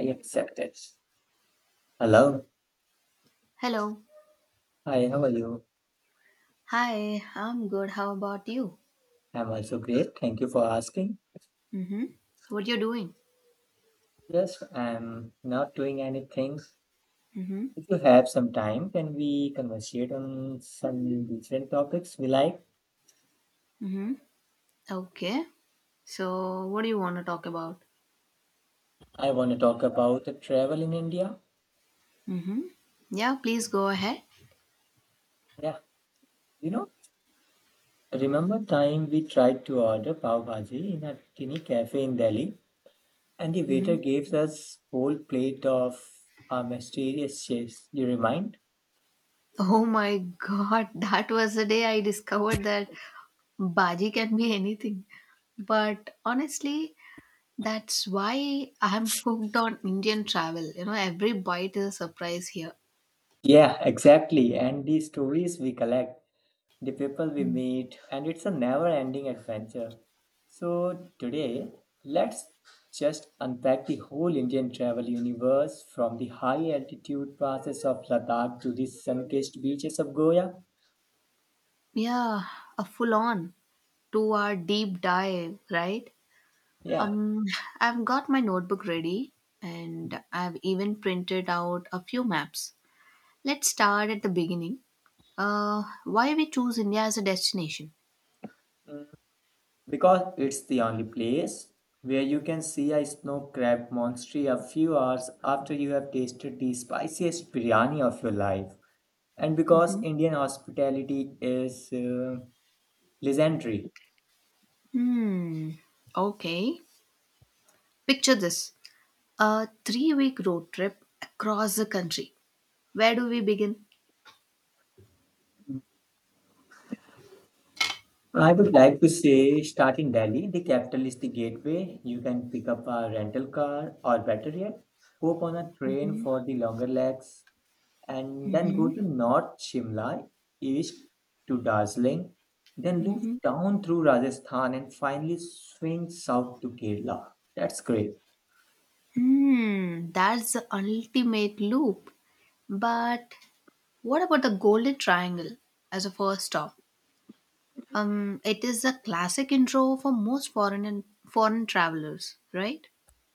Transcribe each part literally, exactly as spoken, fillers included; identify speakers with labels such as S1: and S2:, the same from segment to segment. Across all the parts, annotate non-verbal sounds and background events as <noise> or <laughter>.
S1: I accept it. Hello.
S2: Hello.
S1: Hi, how are you?
S2: Hi, I'm good. How about you?
S1: I'm also great. Thank you for asking.
S2: Mm-hmm. What you're doing?
S1: Yes, I'm not doing anything.
S2: Mm-hmm.
S1: If you have some time, can we conversate on some different topics we like?
S2: Mm-hmm. Okay. So what do you want to talk about?
S1: I want to talk about the travel in India.
S2: Mm-hmm. Yeah, please go ahead.
S1: Yeah, you know, remember time we tried to order pav bhaji in a tiny cafe in Delhi, and the waiter
S2: Mm-hmm.
S1: gave us whole plate of a mysterious chase. You remind?
S2: Oh my god, <laughs> that was the day I discovered that Baji can be anything. But honestly, that's why I'm hooked on Indian travel. You know, every bite is a surprise here.
S1: Yeah, exactly. And the stories we collect, the people we meet, and it's a never ending adventure. So, today, let's just unpack the whole Indian travel universe from the high altitude passes of Ladakh to the sun kissed beaches of Goa.
S2: Yeah, a full on two hour deep dive, right?
S1: Yeah.
S2: Um, I've got my notebook ready and I've even printed out a few maps. Let's start at the beginning. Uh, why we choose India as a destination?
S1: mm, because it's the only place where you can see a snow crab monster a few hours after you have tasted the spiciest biryani of your life. And because
S2: Hmm.
S1: Indian hospitality is uh, legendary.
S2: Hmm. Okay. Picture this, a three week road trip across the country. Where do we begin?
S1: I would like to say start in Delhi, the capital is the gateway. You can pick up a rental car or better yet, hop on a train for the longer legs and then go
S2: Mm-hmm.
S1: to North Shimla, east to Darjeeling, then loop
S2: Mm-hmm.
S1: down through Rajasthan and finally swing south to Kerala. That's great.
S2: Hmm. That's the ultimate loop. But what about the Golden Triangle as a first stop? Um, it is a classic intro for most foreign and foreign travelers, right?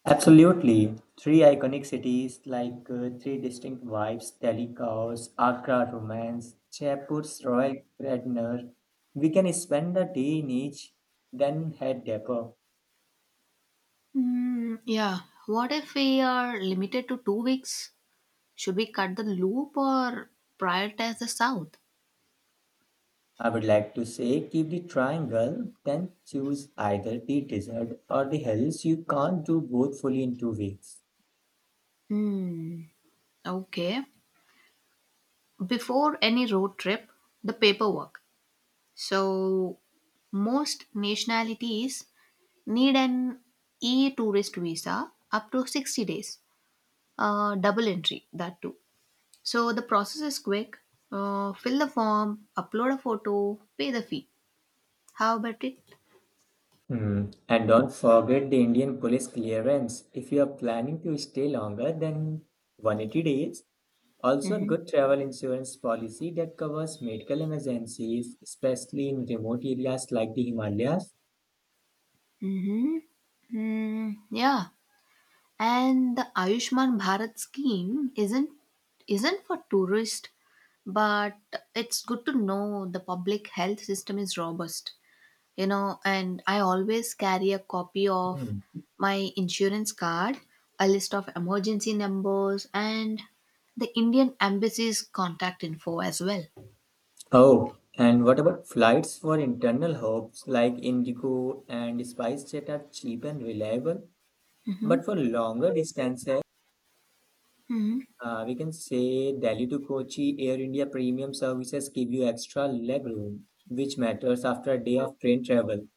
S1: Absolutely. Three iconic cities like uh, three distinct vibes Delhi-Kaos, Agra Romance, Jaipur's Royal Gardener. We can spend a day in each, then head deeper.
S2: Mm, yeah. What if we are limited to two weeks? Should we cut the loop or prioritize the south?
S1: I would like to say keep the triangle, then choose either the desert or the hills. You can't do both fully in two weeks.
S2: Hmm. Okay. Before any road trip, the paperwork. So most nationalities need an e-tourist visa up to sixty days. Uh, double entry, that too. So the process is quick. Uh, fill the form, upload a photo, pay the fee. How about it?
S1: Hmm. And don't forget the Indian police clearance. If you are planning to stay longer than one hundred eighty days, also a
S2: Mm-hmm.
S1: good travel insurance policy that covers medical emergencies, especially in remote areas like the Himalayas.
S2: Mm-hmm. Mm, yeah. And the Ayushman Bharat scheme isn't isn't for tourists, but it's good to know the public health system is robust. You know, and I always carry a copy of
S1: Hmm.
S2: my insurance card, a list of emergency numbers, and the Indian embassy's contact info as well.
S1: Oh, and what about flights for internal hubs like Indigo and SpiceJet are cheap and reliable? But for longer distances, uh, we can say Delhi to Kochi Air India premium services give you extra leg room, which matters after a day of train travel.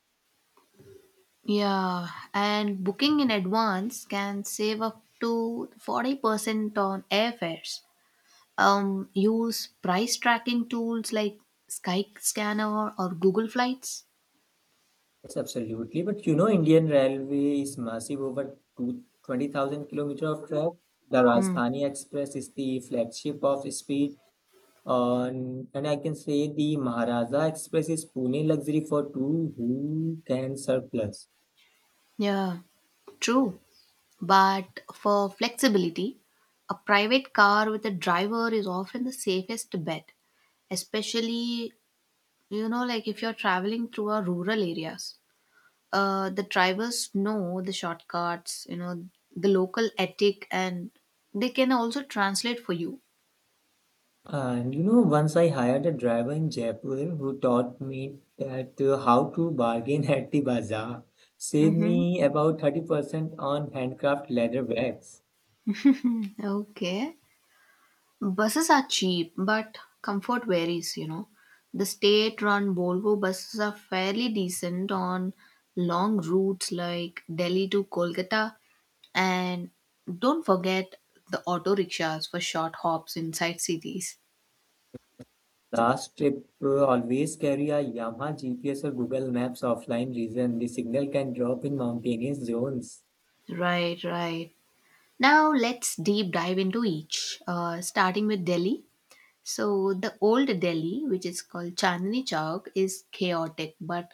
S2: Yeah, and booking in advance can save up to forty percent on airfares. Um, use price tracking tools like Skyscanner or Google Flights.
S1: Yes, absolutely. But you know, Indian Railway is massive over two- twenty thousand kilometer of track. The
S2: Mm,
S1: Rajdhani Express is the flagship of speed. On, and I can say the Maharaja Express is Pune luxury for two who can surplus.
S2: yeah, true. But for flexibility, a private car with a driver is often the safest bet, especially, you know, like if you're traveling through our rural areas. Uh, the drivers know the shortcuts, you know, the local ethic, and they can also translate for you.
S1: And you know, once I hired a driver in Jaipur who taught me that uh, how to bargain <laughs> at the bazaar, saved
S2: Mm-hmm.
S1: me about thirty percent on handcraft leather bags.
S2: Okay. Buses are cheap, but comfort varies, you know. The state run Volvo buses are fairly decent on long routes like Delhi to Kolkata. And don't forget the auto rickshaws for short hops inside cities.
S1: Last trip, uh, always carry a Yamaha G P S or Google Maps offline reason. The signal can drop in mountainous zones.
S2: Right, right. Now let's deep dive into each, uh, starting with Delhi. So the old Delhi, which is called Chandni Chowk, is chaotic, but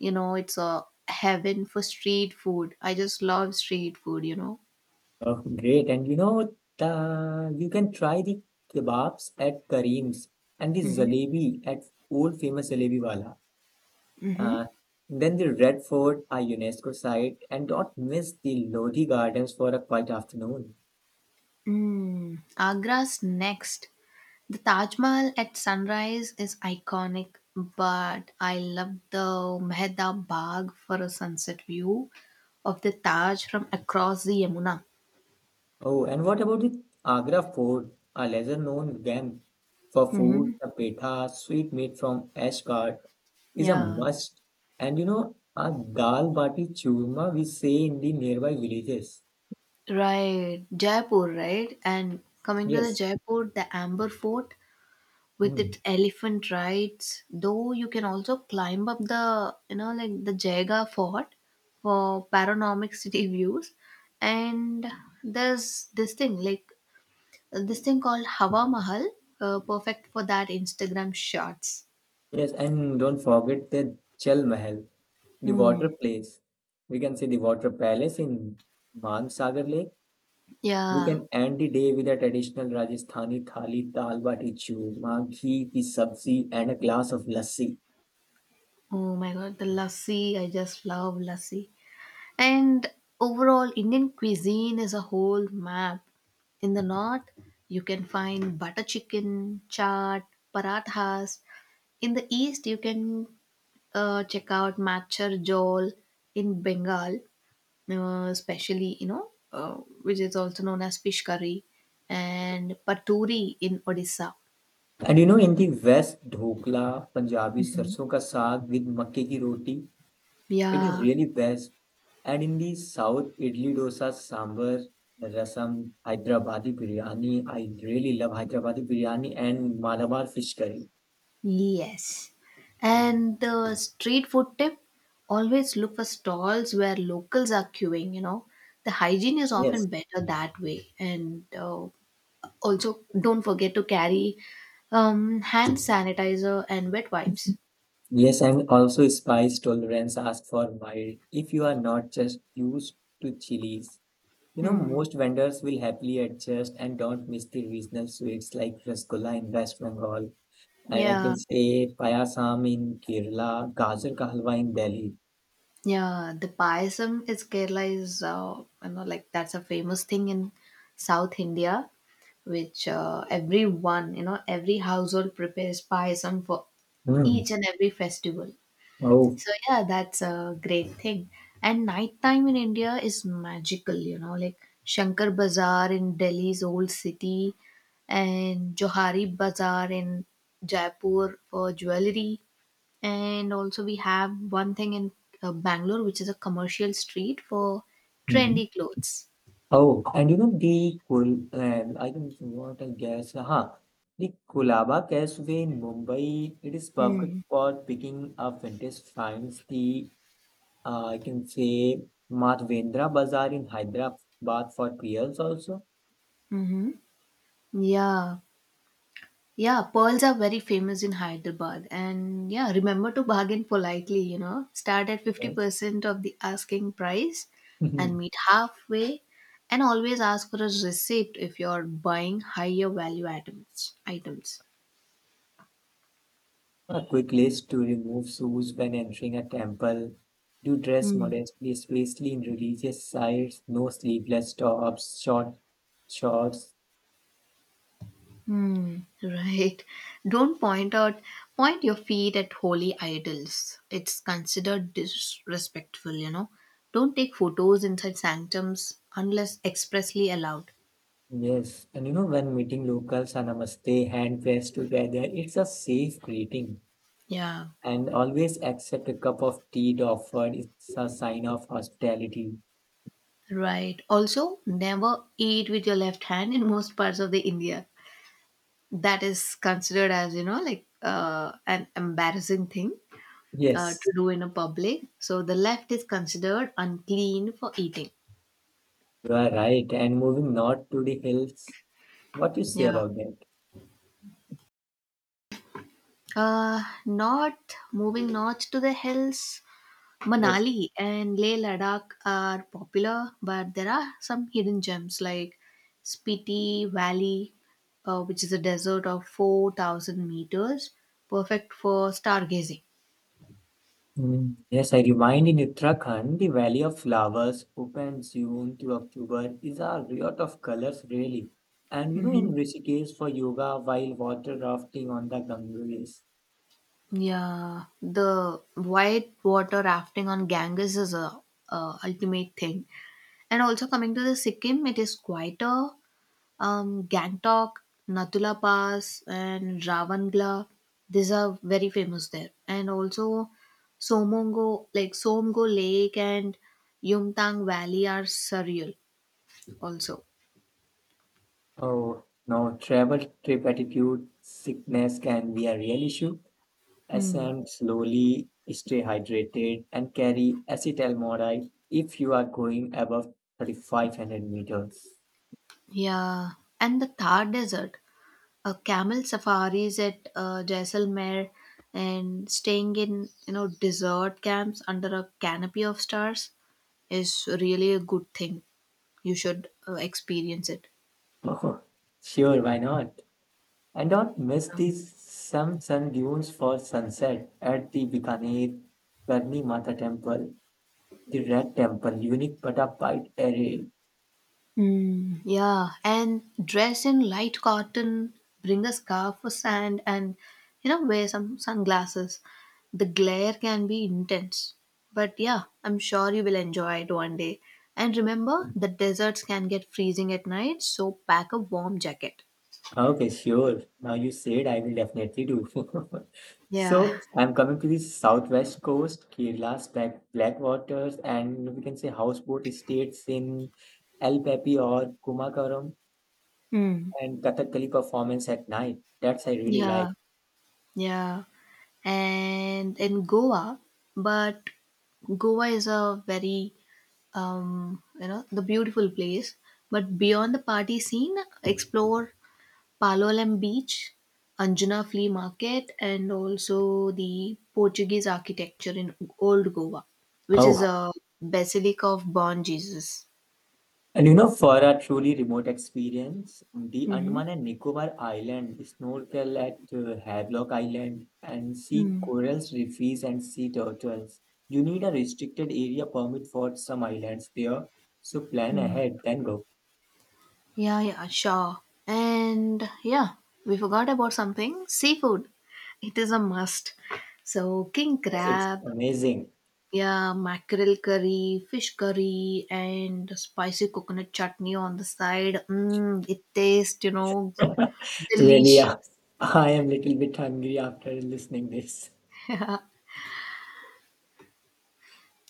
S2: you know it's a heaven for street food. I just love street food, you know.
S1: Oh, great. And you know, the, you can try the kebabs at Kareem's and the
S2: Mm-hmm.
S1: jalebi at old famous Jalebi Wala. Uh,
S2: Mm-hmm.
S1: then the Red Fort, a UNESCO site, and don't miss the Lodi Gardens for a quiet afternoon.
S2: Mm. Agra's next. The Taj Mahal at sunrise is iconic, but I love the Mehta Bagh for a sunset view of the Taj from across the Yamuna.
S1: Oh, and what about the Agra Fort, a lesser-known gem for food?
S2: Mm-hmm.
S1: The petha, sweet meat from Ashgard, is a
S2: Yeah.
S1: must. And you know, a dal bati churma we say in the nearby villages.
S2: Right, Jaipur, right? And coming to the
S1: Yes.
S2: Jaipur, the Amber Fort with
S1: Hmm.
S2: its elephant rides, though you can also climb up the, you know, like the Jaga Fort for panoramic <laughs> city views. And there's this thing, like uh, this thing called Hawa Mahal, uh, perfect for that Instagram shots.
S1: Yes, and don't forget the Chal Mahal, the
S2: Hmm.
S1: water place. We can see the water palace in Mansagar Lake. We
S2: Yeah.
S1: can end the day with a traditional Rajasthani thali, dal bati churma, ghee ki sabzi, and a glass of lassi.
S2: Oh my god, the lassi. I just love lassi. And overall, Indian cuisine is a whole map. In the north, you can find butter chicken, chaat, parathas. In the east, you can uh, check out machar jol in Bengal, uh, especially, you know, uh, which is also known as fish curry, and paturi in Odisha.
S1: And you know, in the West, dhokla, Punjabi
S2: Mhm.
S1: sarson ka saag with makke ki roti, it is
S2: Yeah,
S1: really best. And in the South, idli dosa, sambar, rasam, Hyderabadi biryani. I really love Hyderabadi biryani and Malabar fish curry.
S2: yes. And the street food tip, always look for stalls where locals are queuing, you know. The hygiene is often
S1: Yes,
S2: better that way. And uh, Also, don't forget to carry um, hand sanitizer and wet wipes.
S1: yes, and also spice tolerance ask for mild if you are not just used to chilies. You know,
S2: Hmm.
S1: most vendors will happily adjust and don't miss the regional sweets like rasgulla in West Bengal. And I can
S2: Yeah.
S1: say payasam in Kerala, gajar ka halwa in Delhi.
S2: Yeah, the payasam is Kerala is uh, you know like that's a famous thing in South India, which uh, everyone you know every household prepares payasam for
S1: Mm.
S2: each and every festival.
S1: Oh.
S2: So yeah, that's a great thing. And nighttime in India is magical, you know, like Shankar Bazaar in Delhi's old city, and Johari Bazaar in Jaipur for jewelry, and also we have one thing in uh, Bangalore, which is a commercial street for
S1: Mm.
S2: trendy clothes.
S1: Oh, and you know the Kul and I don't want to guess. Huh. The Kulaba Causeway in Mumbai, it is perfect
S2: Mm.
S1: for picking up vintage finds. The uh, I can say Madhvendra Bazaar in Hyderabad for pearls also.
S2: Mm-hmm. Yeah, yeah, pearls are very famous in Hyderabad, and yeah, remember to bargain politely, you know, start at
S1: Yes.
S2: fifty percent of the asking price and
S1: <laughs>
S2: meet halfway, and always ask for a receipt if you're buying higher value items items
S1: A quick list to remove shoes when entering a temple. Do dress
S2: Mm.
S1: modestly, especially in religious sites. No sleeveless tops, short shorts.
S2: Hmm, right. Don't point out, Point your feet at holy idols. It's considered disrespectful, you know. Don't take photos inside sanctums unless expressly allowed.
S1: Yes, and you know when meeting locals, a namaste, hand pressed together. It's a safe greeting,
S2: Yeah,
S1: and always accept a cup of tea offered. It's a sign of hospitality.
S2: right. Also, never eat with your left hand in most parts of the India. That is considered as, you know, like uh, an embarrassing thing uh,
S1: Yes,
S2: to do in a public. So the left is considered unclean for eating.
S1: you are right. And moving north to the hills, what you say
S2: Yeah.
S1: about that?
S2: Uh, north Moving north to the hills,
S1: Yes.
S2: Manali and Leh Ladakh are popular, but there are some hidden gems like Spiti Valley, uh, which is a desert of four thousand meters, perfect for stargazing.
S1: Mm, yes, I remind in Uttarakhand, the Valley of Flowers, open June to October, is a riot of colors, really. And you know, in
S2: Hmm.
S1: Rishikesh for yoga while water rafting on the Ganges.
S2: Yeah, the white water rafting on Ganges is a, a ultimate thing. And also coming to the Sikkim, it is quieter. Um, Gangtok, Natula Pass, and Ravangla. These are very famous there. And also Somongo, like Somgo Lake and Yumtang Valley are surreal also.
S1: Oh, no, travel trip attitude, sickness can be a real issue.
S2: Hmm.
S1: Ascend slowly, stay hydrated, and carry acetaldehyde if you are going above thirty-five hundred meters. <laughs>
S2: Yeah. And the Thar Desert, a camel safaris at uh, Jaisalmer and staying in, you know, desert camps under a canopy of stars is really a good thing. You should uh, experience it.
S1: Oh, sure, why not? And don't miss the some sun dunes for sunset at the Bikaner Karni Mata Temple, the Red Temple, unique but upright array.
S2: Mm, yeah, and dress in light cotton, bring a scarf for sand, and you know, wear some sunglasses. The glare can be intense, but yeah, I'm sure you will enjoy it one day. And remember, the deserts can get freezing at night, so pack a warm jacket.
S1: Okay, sure. Now you said I will definitely do. <laughs>
S2: Yeah.
S1: So I'm coming to the southwest coast, Kerala's black black waters, and we can say houseboat estates in El Papi or Kumakaram,
S2: Mm.
S1: and Kathakali performance at night. That's I really like.
S2: Yeah. Yeah. And in Goa, but Goa is a very um, you know, the beautiful place. But beyond the party scene, explore Palolem Beach, Anjuna Flea Market, and also the Portuguese architecture in Old Goa, which is
S1: Oh,
S2: a basilica of Born Jesus.
S1: and you know, for a truly remote experience, the
S2: Mm-hmm.
S1: Andaman and Nicobar Island, snorkel at uh, Havelock Island, and see
S2: Mm-hmm.
S1: corals, reefs, and sea turtles. You need a restricted area permit for some islands there, so plan ahead, then go.
S2: Yeah, yeah, sure. And yeah, we forgot about something, seafood. It is a must. So, king
S1: It's
S2: crab,
S1: amazing.
S2: yeah, mackerel curry, fish curry, and spicy coconut chutney on the side. Mm, it tastes, you know,
S1: <laughs> Really,
S2: delicious.
S1: uh, I am little bit hungry after listening this.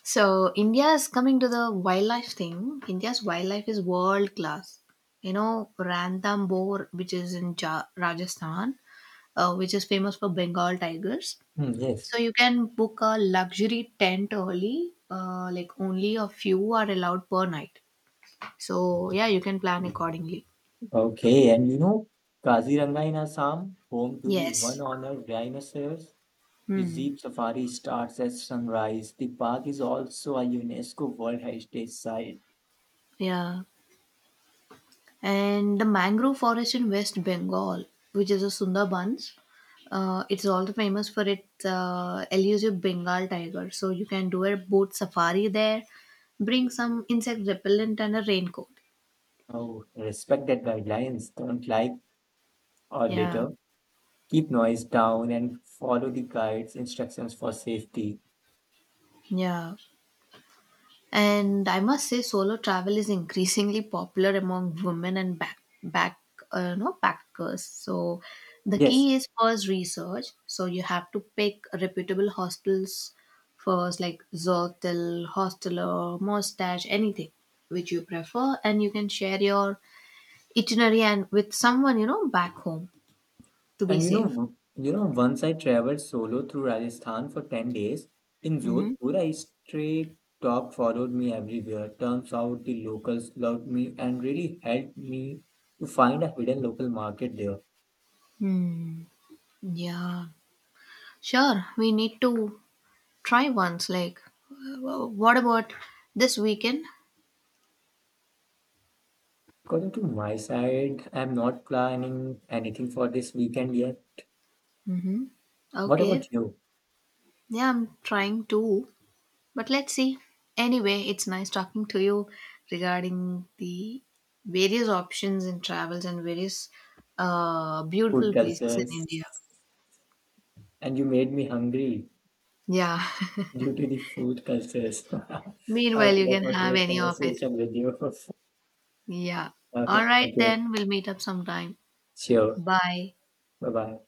S2: So, India's coming to the wildlife thing. India's wildlife is world class. You know, Ranthambore, which is in ja- Rajasthan, uh, which is famous for Bengal tigers.
S1: Hmm, yes.
S2: So you can book a luxury tent early. Uh, like only a few are allowed per night. So yeah, you can plan accordingly.
S1: Okay, and you know, Kaziranga in Assam, home to the
S2: Yes.
S1: one honored rhinoceros. The
S2: Hmm.
S1: Jeep Safari starts at sunrise. The park is also a UNESCO World Heritage Site.
S2: Yeah. And the mangrove forest in West Bengal, which is a Sundarbans, uh, it's also famous for its uh, elusive Bengal tiger. So you can do a boat safari there, bring some insect repellent and a raincoat.
S1: Oh, respect that guidelines. Don't like or
S2: Yeah.
S1: litter. Keep noise down and follow the guide's instructions for safety.
S2: Yeah. And I must say, solo travel is increasingly popular among women and back back uh, no backpackers. So the
S1: Yes,
S2: key is first research. So you have to pick reputable hostels first, like Zotel, Hosteler, Mustache, anything which you prefer, and you can share your itinerary and with someone you know back home to be
S1: and you
S2: safe.
S1: know, you know, once I traveled solo through Rajasthan for ten days, in
S2: Mm-hmm.
S1: Jodhpur, a stray dog followed me everywhere. Turns out the locals loved me and really helped me to find a hidden local market there.
S2: Hmm. Yeah. Sure. We need to try once, like, uh, what about this weekend?
S1: According to my side, I'm not planning anything for this weekend yet. What about
S2: Okay,
S1: you?
S2: yeah, I'm trying to, but let's see. Anyway, it's nice talking to you regarding the various options in travels and various uh, beautiful
S1: Food
S2: places in
S1: cultures.
S2: India.
S1: And you made me hungry
S2: Yeah.
S1: due to the food cultures. <laughs>
S2: <laughs> Meanwhile,
S1: Okay,
S2: you
S1: that
S2: can
S1: was
S2: have
S1: great
S2: any of it.
S1: conversation with you. <laughs>
S2: Yeah. All
S1: Okay,
S2: right,
S1: thank you.
S2: then we'll meet up sometime.
S1: Sure.
S2: Bye.
S1: Bye bye.